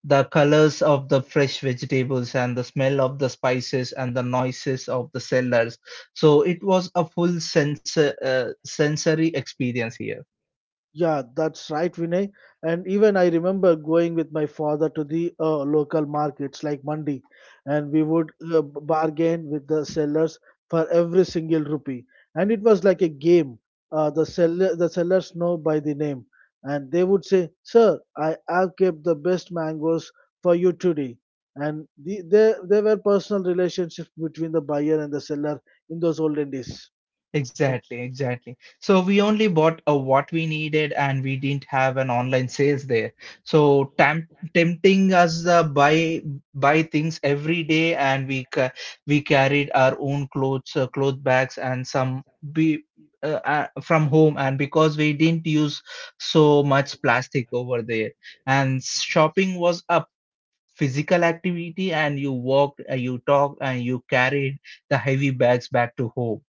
[SPEAKER 1] the colors of the fresh vegetables and the smell of the spices and the noises of the sellers, so it was a full sense uh, sensory experience here.
[SPEAKER 2] Yeah, that's right, Vinay. And even I remember going with my father to the uh, local markets like Mandi, and we would uh, b- bargain with the sellers for every single rupee. And it was like a game. Uh, the seller, the sellers know by the name, and they would say, "Sir, I have kept the best mangoes for you today." And the, there, there were personal relationships between the buyer and the seller in those olden days.
[SPEAKER 1] Exactly, exactly. So we only bought uh, what we needed, and we didn't have an online sales there. So tam tempting us uh, buy buy things every day, and we ca we carried our own clothes, uh, cloth bags and some be uh, uh, from home, and because we didn't use so much plastic over there. And shopping was a physical activity, and you walked, uh, you talked and you carried the heavy bags back to home.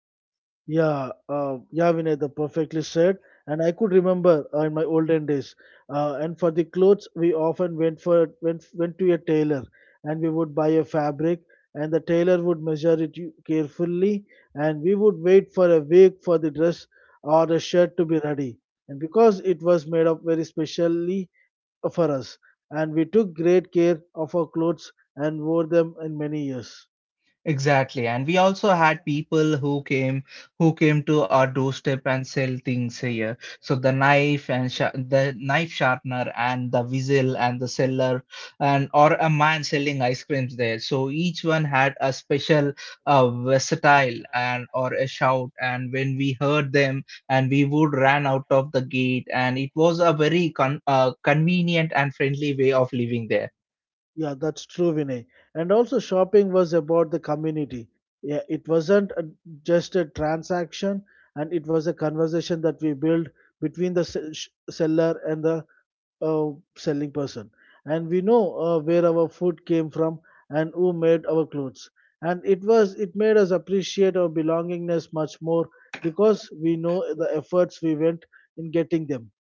[SPEAKER 2] Yeah, uh, yeah, Vinay, the perfectly said. And I could remember uh, in my olden days. Uh, and for the clothes, we often went for went went to a tailor, and we would buy a fabric, and the tailor would measure it u- carefully, and we would wait for a week for the dress or the shirt to be ready. And because it was made up very specially for us, and we took great care of our clothes and wore them in many years.
[SPEAKER 1] Exactly. And we also had people who came who came to our doorstep and sell things here. So the knife and sha the knife sharpener and the whistle and the seller, and or a man selling ice creams there. So each one had a special uh, versatile and or a shout. And when we heard them, and we would ran out of the gate, and it was a very con uh, convenient and friendly way of living there.
[SPEAKER 2] Yeah, that's true, Vinay. And also, shopping was about the community. Yeah, it wasn't a, just a transaction, and it was a conversation that we built between the se- sh- seller and the uh, selling person. And we know uh, where our food came from and who made our clothes. And it was it made us appreciate our belongingness much more because we know the efforts we went in getting them.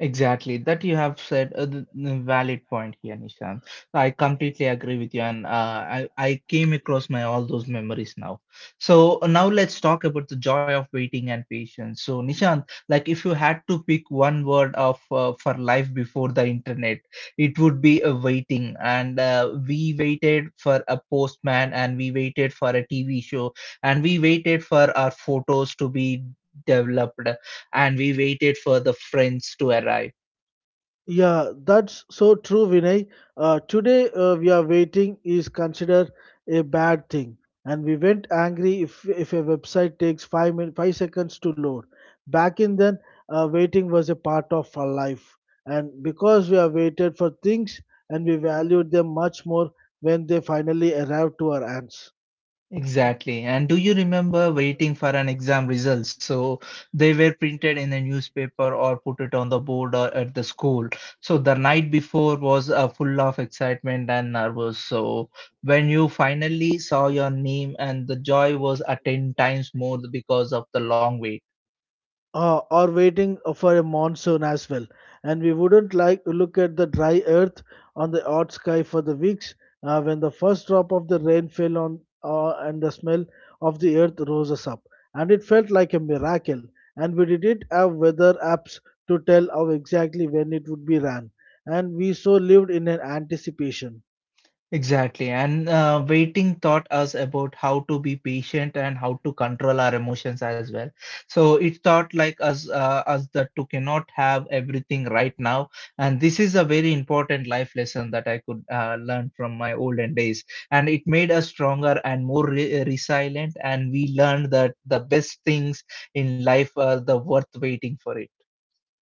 [SPEAKER 1] Exactly, that you have said a th- a valid point here, Nishan. I completely agree with you, and uh, I I came across my all those memories now. So uh, now let's talk about the joy of waiting and patience. So Nishant, like if you had to pick one word of uh, for life before the internet, it would be a waiting. And uh, we waited for a postman, and we waited for a T V show, and we waited for our photos to be developed, and we waited for the friends to arrive.
[SPEAKER 2] Yeah, that's so true, Vinay. Uh, today, uh, we are waiting is considered a bad thing, and we went angry if if a website takes five min five seconds to load. Back in then, uh, waiting was a part of our life, and because we have waited for things and we valued them much more when they finally arrived to our hands.
[SPEAKER 1] Exactly. And do you remember waiting for an exam results? So they were printed in the newspaper or put it on the board or at the school. So the night before was uh, full of excitement and nervous. So when you finally saw your name, and the joy was at ten times more because of the long wait.
[SPEAKER 2] Uh, or waiting for a monsoon as well. And we wouldn't like to look at the dry earth on the hot sky for the weeks uh, when the first drop of the rain fell on uh, and the smell of the earth rose us up. And it felt like a miracle. And we didn't have weather apps to tell how exactly when it would be ran. And we so lived in an anticipation.
[SPEAKER 1] Exactly. And uh, waiting taught us about how to be patient and how to control our emotions as well. So it taught like us, uh, us that to cannot have everything right now. And this is a very important life lesson that I could uh, learn from my olden days. And it made us stronger and more re- uh, resilient. And we learned that the best things in life are the worth waiting for it.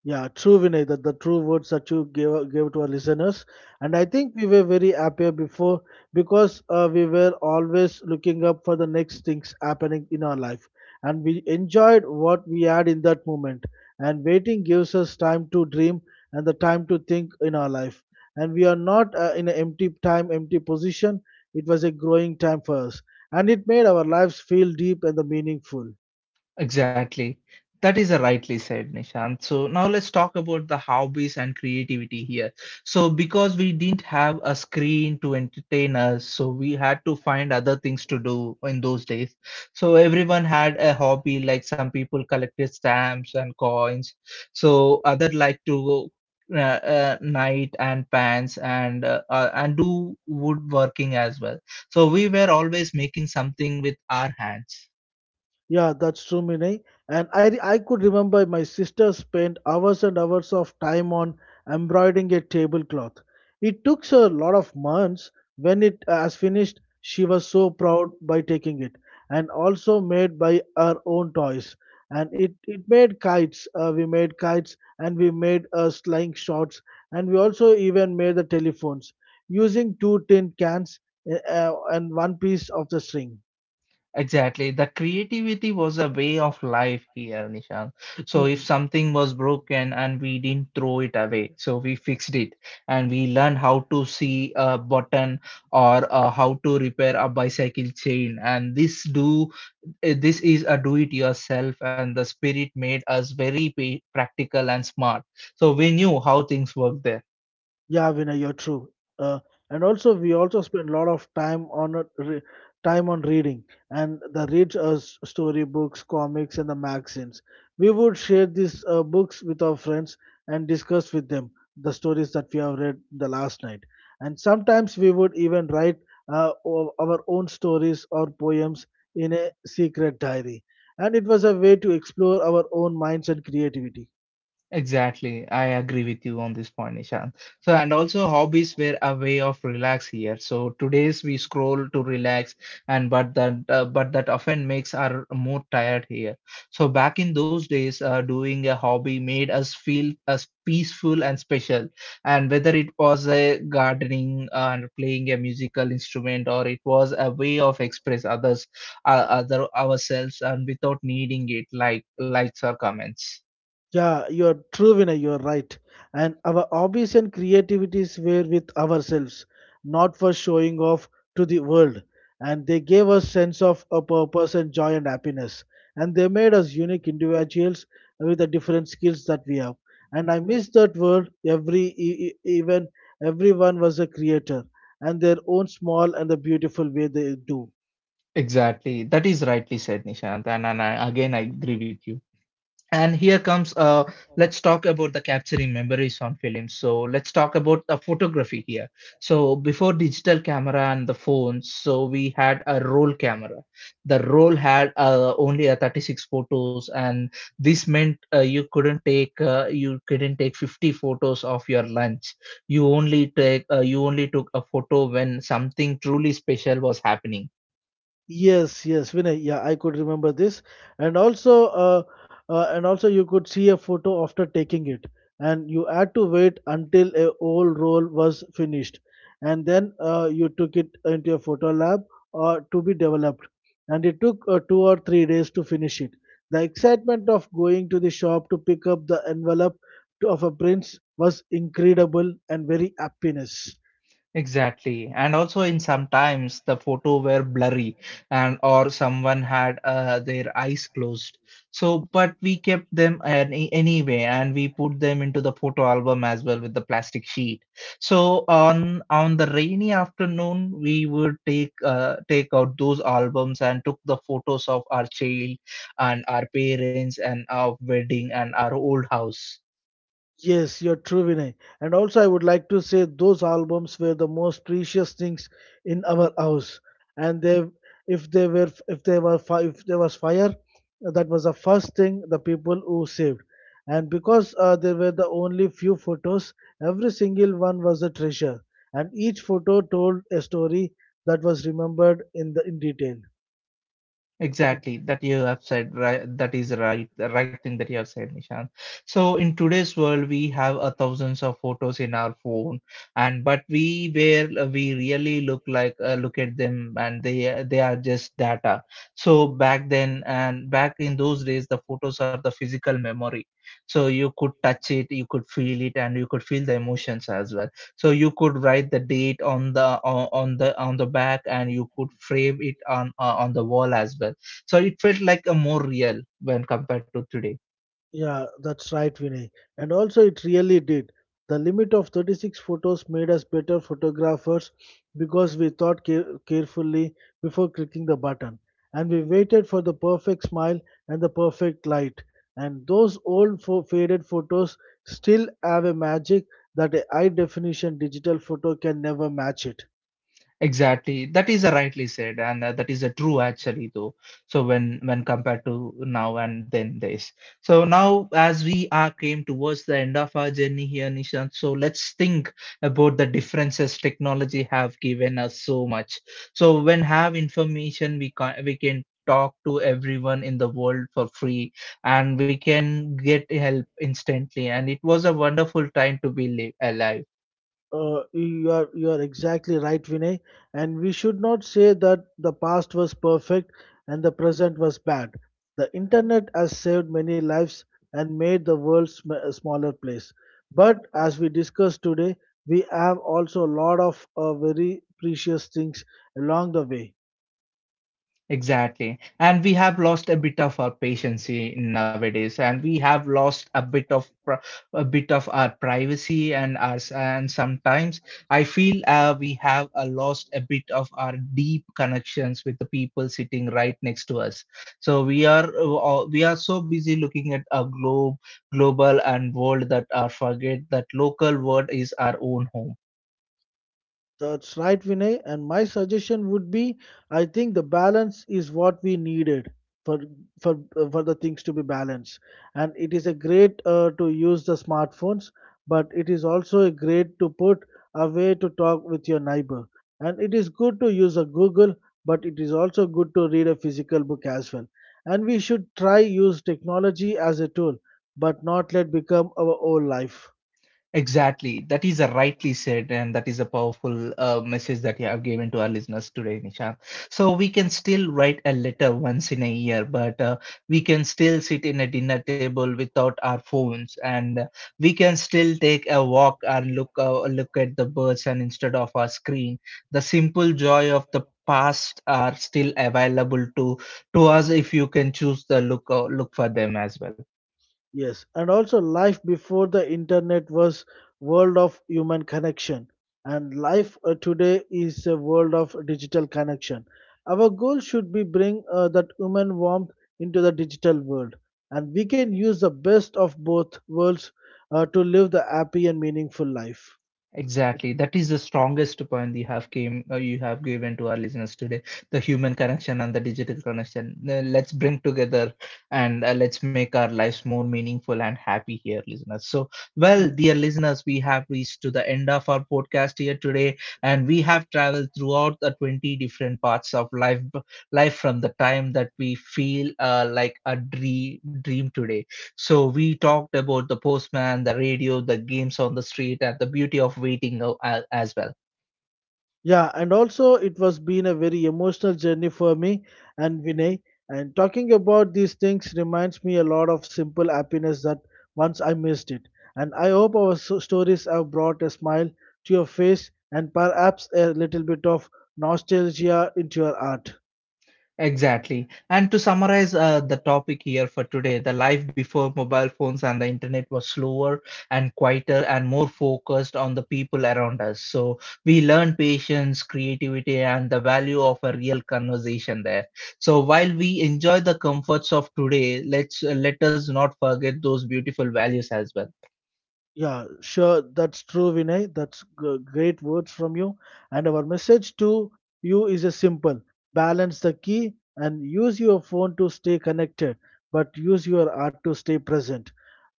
[SPEAKER 2] Yeah, true, Vinay, that the true words that you gave, gave to our listeners. And I think we were very happier before because uh, we were always looking up for the next things happening in our life. And we enjoyed what we had in that moment. And waiting gives us time to dream and the time to think in our life. And we are not uh, in an empty time, empty position. It was a growing time for us. And it made our lives feel deep and the meaningful.
[SPEAKER 1] Exactly. That is a rightly said, Nishant. So now let's talk about the hobbies and creativity here. So because we didn't have a screen to entertain us, so we had to find other things to do in those days. So everyone had a hobby, like some people collected stamps and coins. So other like to go uh, uh, knight and pants, and uh, uh, and do woodworking as well. So we were always making something with our hands.
[SPEAKER 2] Yeah, that's true, Vinay. And I, re- I could remember my sister spent hours and hours of time on embroidering a tablecloth. It took her a lot of months. When it was finished, she was so proud by taking it, and also made by her own toys. And it, it made kites. Uh, we made kites, and we made uh, slingshots, and we also even made the telephones using two tin cans uh, uh, and one piece of the string.
[SPEAKER 1] Exactly. The creativity was a way of life here, Nishan. So if something was broken and we didn't throw it away, so we fixed it, and we learned how to see a button or uh, how to repair a bicycle chain. And this do eh, this is a do it yourself, and the spirit made us very pa- practical and smart. So we knew how things work there.
[SPEAKER 2] Yeah, Vinay, you're true. Uh, and also, we also spend a lot of time on a re- time on reading and the read uh, s- storybooks, comics, and the magazines. We would share these uh, books with our friends and discuss with them the stories that we have read the last night. And sometimes we would even write uh, o- our own stories or poems in a secret diary. And it was a way to explore our own minds and creativity.
[SPEAKER 1] Exactly. I agree with you on this point, Nishan. So, and also hobbies were a way of relax here. So today's we scroll to relax, and but that uh, but that often makes our more tired here. So back in those days, uh, doing a hobby made us feel as peaceful and special. And whether it was a gardening uh, and playing a musical instrument, or it was a way of express others, uh, other ourselves, and without needing it like likes or comments.
[SPEAKER 2] Yeah, you are true, Vinay. You are right. And our hobbies and creativities were with ourselves, not for showing off to the world. And they gave us sense of a purpose and joy and happiness. And they made us unique individuals with the different skills that we have. And I miss that world. Every e- e- even Everyone was a creator and their own small and the beautiful way they do.
[SPEAKER 1] Exactly. That is rightly said, Nishant. And, and I, again, I agree with you. And here comes, uh, let's talk about the capturing memories on films. So let's talk about the photography here. So before digital camera and the phones, so we had a roll camera. The roll had uh, only a thirty-six photos, and this meant uh, you couldn't take uh, you couldn't take fifty photos of your lunch. You only take uh, you only took a photo when something truly special was happening.
[SPEAKER 2] Yes, yes, Vinay. Yeah, I could remember this. And also, uh, uh, and also, you could see a photo after taking it, and you had to wait until a whole roll was finished, and then uh, you took it into a photo lab uh, to be developed. And it took uh, two or three days to finish it. The excitement of going to the shop to pick up the envelope to, of a prince was incredible and very happiness.
[SPEAKER 1] Exactly. And also in sometimes the photo were blurry, and or someone had uh, their eyes closed. So but we kept them any, anyway, and we put them into the photo album as well with the plastic sheet. So on on the rainy afternoon we would take uh, take out those albums and took the photos of our child and our parents and our wedding and our old house.
[SPEAKER 2] Yes, you're true, Vinay. And also, I would like to say those albums were the most precious things in our house. And they, if they were, if they were, fi- if there was fire, that was the first thing the people who saved. And because uh, there were the only few photos, every single one was a treasure. And each photo told a story that was remembered in the in detail.
[SPEAKER 1] Exactly, that you have said right, that is right, the right thing that you have said, Nishant. So in today's world, we have a thousands of photos in our phone, and but we where uh, we really look like uh, look at them, and they uh, they are just data. So back then, and back in those days, the photos are the physical memory. So you could touch it, you could feel it, and you could feel the emotions as well. So you could write the date on the on on the on the back, and you could frame it on uh, on the wall as well. So it felt like a more real when compared to today.
[SPEAKER 2] Yeah, that's right, Vinay. And also, it really did. The limit of thirty-six photos made us better photographers because we thought care- carefully before clicking the button. And we waited for the perfect smile and the perfect light. And those old fo- faded photos still have a magic that a high definition digital photo can never match it.
[SPEAKER 1] Exactly. That is a rightly said, and uh, that is a true actually though. So when when compared to now and then this. So now as we are came towards the end of our journey here, Nishant. So let's think about the differences technology have given us so much. So when have information, we can we can talk to everyone in the world for free, and we can get help instantly. And it was a wonderful time to be li- alive.
[SPEAKER 2] Uh, you are you are exactly right, Vinay. And we should not say that the past was perfect and the present was bad. The internet has saved many lives and made the world sm- a smaller place. But as we discussed today, we have also a lot of uh, very precious things along the way.
[SPEAKER 1] Exactly. And we have lost a bit of our patience i- nowadays, and we have lost a bit of pri- a bit of our privacy and our s- and sometimes I feel uh, we have uh, lost a bit of our deep connections with the people sitting right next to us. So we are uh, uh, we are so busy looking at a globe, global and world that are forget that local world is our own home.
[SPEAKER 2] That's right, Vinay. And my suggestion would be, I think the balance is what we needed for for for the things to be balanced. And it is a great uh, to use the smartphones, but it is also a great to put a way to talk with your neighbor. And it is good to use a Google, but it is also good to read a physical book as well. And we should try use technology as a tool, but not let become our whole life.
[SPEAKER 1] Exactly. That is a rightly said, and that is a powerful uh, message that you have given to our listeners today, Nishant. So we can still write a letter once in a year, but uh, we can still sit in a dinner table without our phones, and uh, we can still take a walk and look uh, look at the birds, and instead of our screen, the simple joy of the past are still available to to us if you can choose the look uh, look for them as well.
[SPEAKER 2] Yes, and also life before the internet was world of human connection, and life uh, today is a world of digital connection. Our goal should be bring uh, that human warmth into the digital world, and we can use the best of both worlds uh, to live the happy and meaningful life.
[SPEAKER 1] Exactly. That is the strongest point you have came uh, you have given to our listeners today. The human connection and the digital connection. Uh, Let's bring together, and uh, let's make our lives more meaningful and happy here, listeners. So, well, dear listeners, we have reached to the end of our podcast here today, and we have traveled throughout the twenty different parts of life, life from the time that we feel uh, like a dream dream today. So we talked about the postman, the radio, the games on the street, and the beauty of waiting uh, a- as well.
[SPEAKER 2] Yeah, and also it was been a very emotional journey for me and Vinay. And talking about these things reminds me a lot of simple happiness that once I missed it. And I hope our so- stories have brought a smile to your face and perhaps a little bit of nostalgia into your heart.
[SPEAKER 1] Exactly. And to summarize uh, the topic here for today, the life before mobile phones and the internet was slower and quieter and more focused on the people around us. So we learned patience, creativity, and the value of a real conversation there. So while we enjoy the comforts of today, let's let us not forget those beautiful values as well.
[SPEAKER 2] Yeah, sure. That's true, Vinay. That's g- great words from you. And our message to you is a simple balance the key and use your phone to stay connected, but use your art to stay present.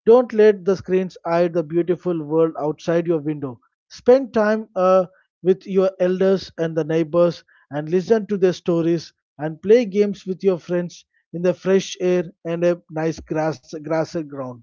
[SPEAKER 2] Don't let the screens hide the beautiful world outside your window. Spend time uh, with your elders and the neighbors and listen to their stories and play games with your friends in the fresh air and a nice grass, grassy ground.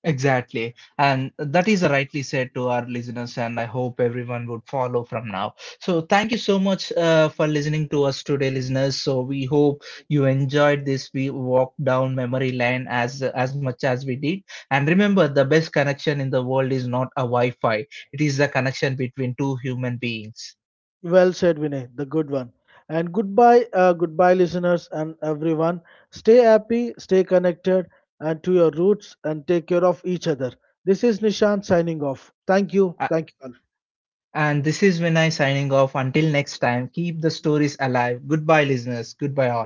[SPEAKER 1] Exactly. And that is rightly said to our listeners, and I hope everyone would follow from now. So, thank you so much uh, for listening to us today, listeners. So, we hope you enjoyed this. We walked down memory lane as as much as we did. And remember, the best connection in the world is not a Wi Fi, it is the connection between two human beings.
[SPEAKER 2] Well said, Vinay, the good one. And goodbye, uh, goodbye, listeners and everyone. Stay happy, stay connected, and to your roots, and take care of each other. This is Nishan signing off. Thank you.
[SPEAKER 1] A-
[SPEAKER 2] Thank you. All.
[SPEAKER 1] And this is Vinay signing off. Until next time, keep the stories alive. Goodbye, listeners. Goodbye, all.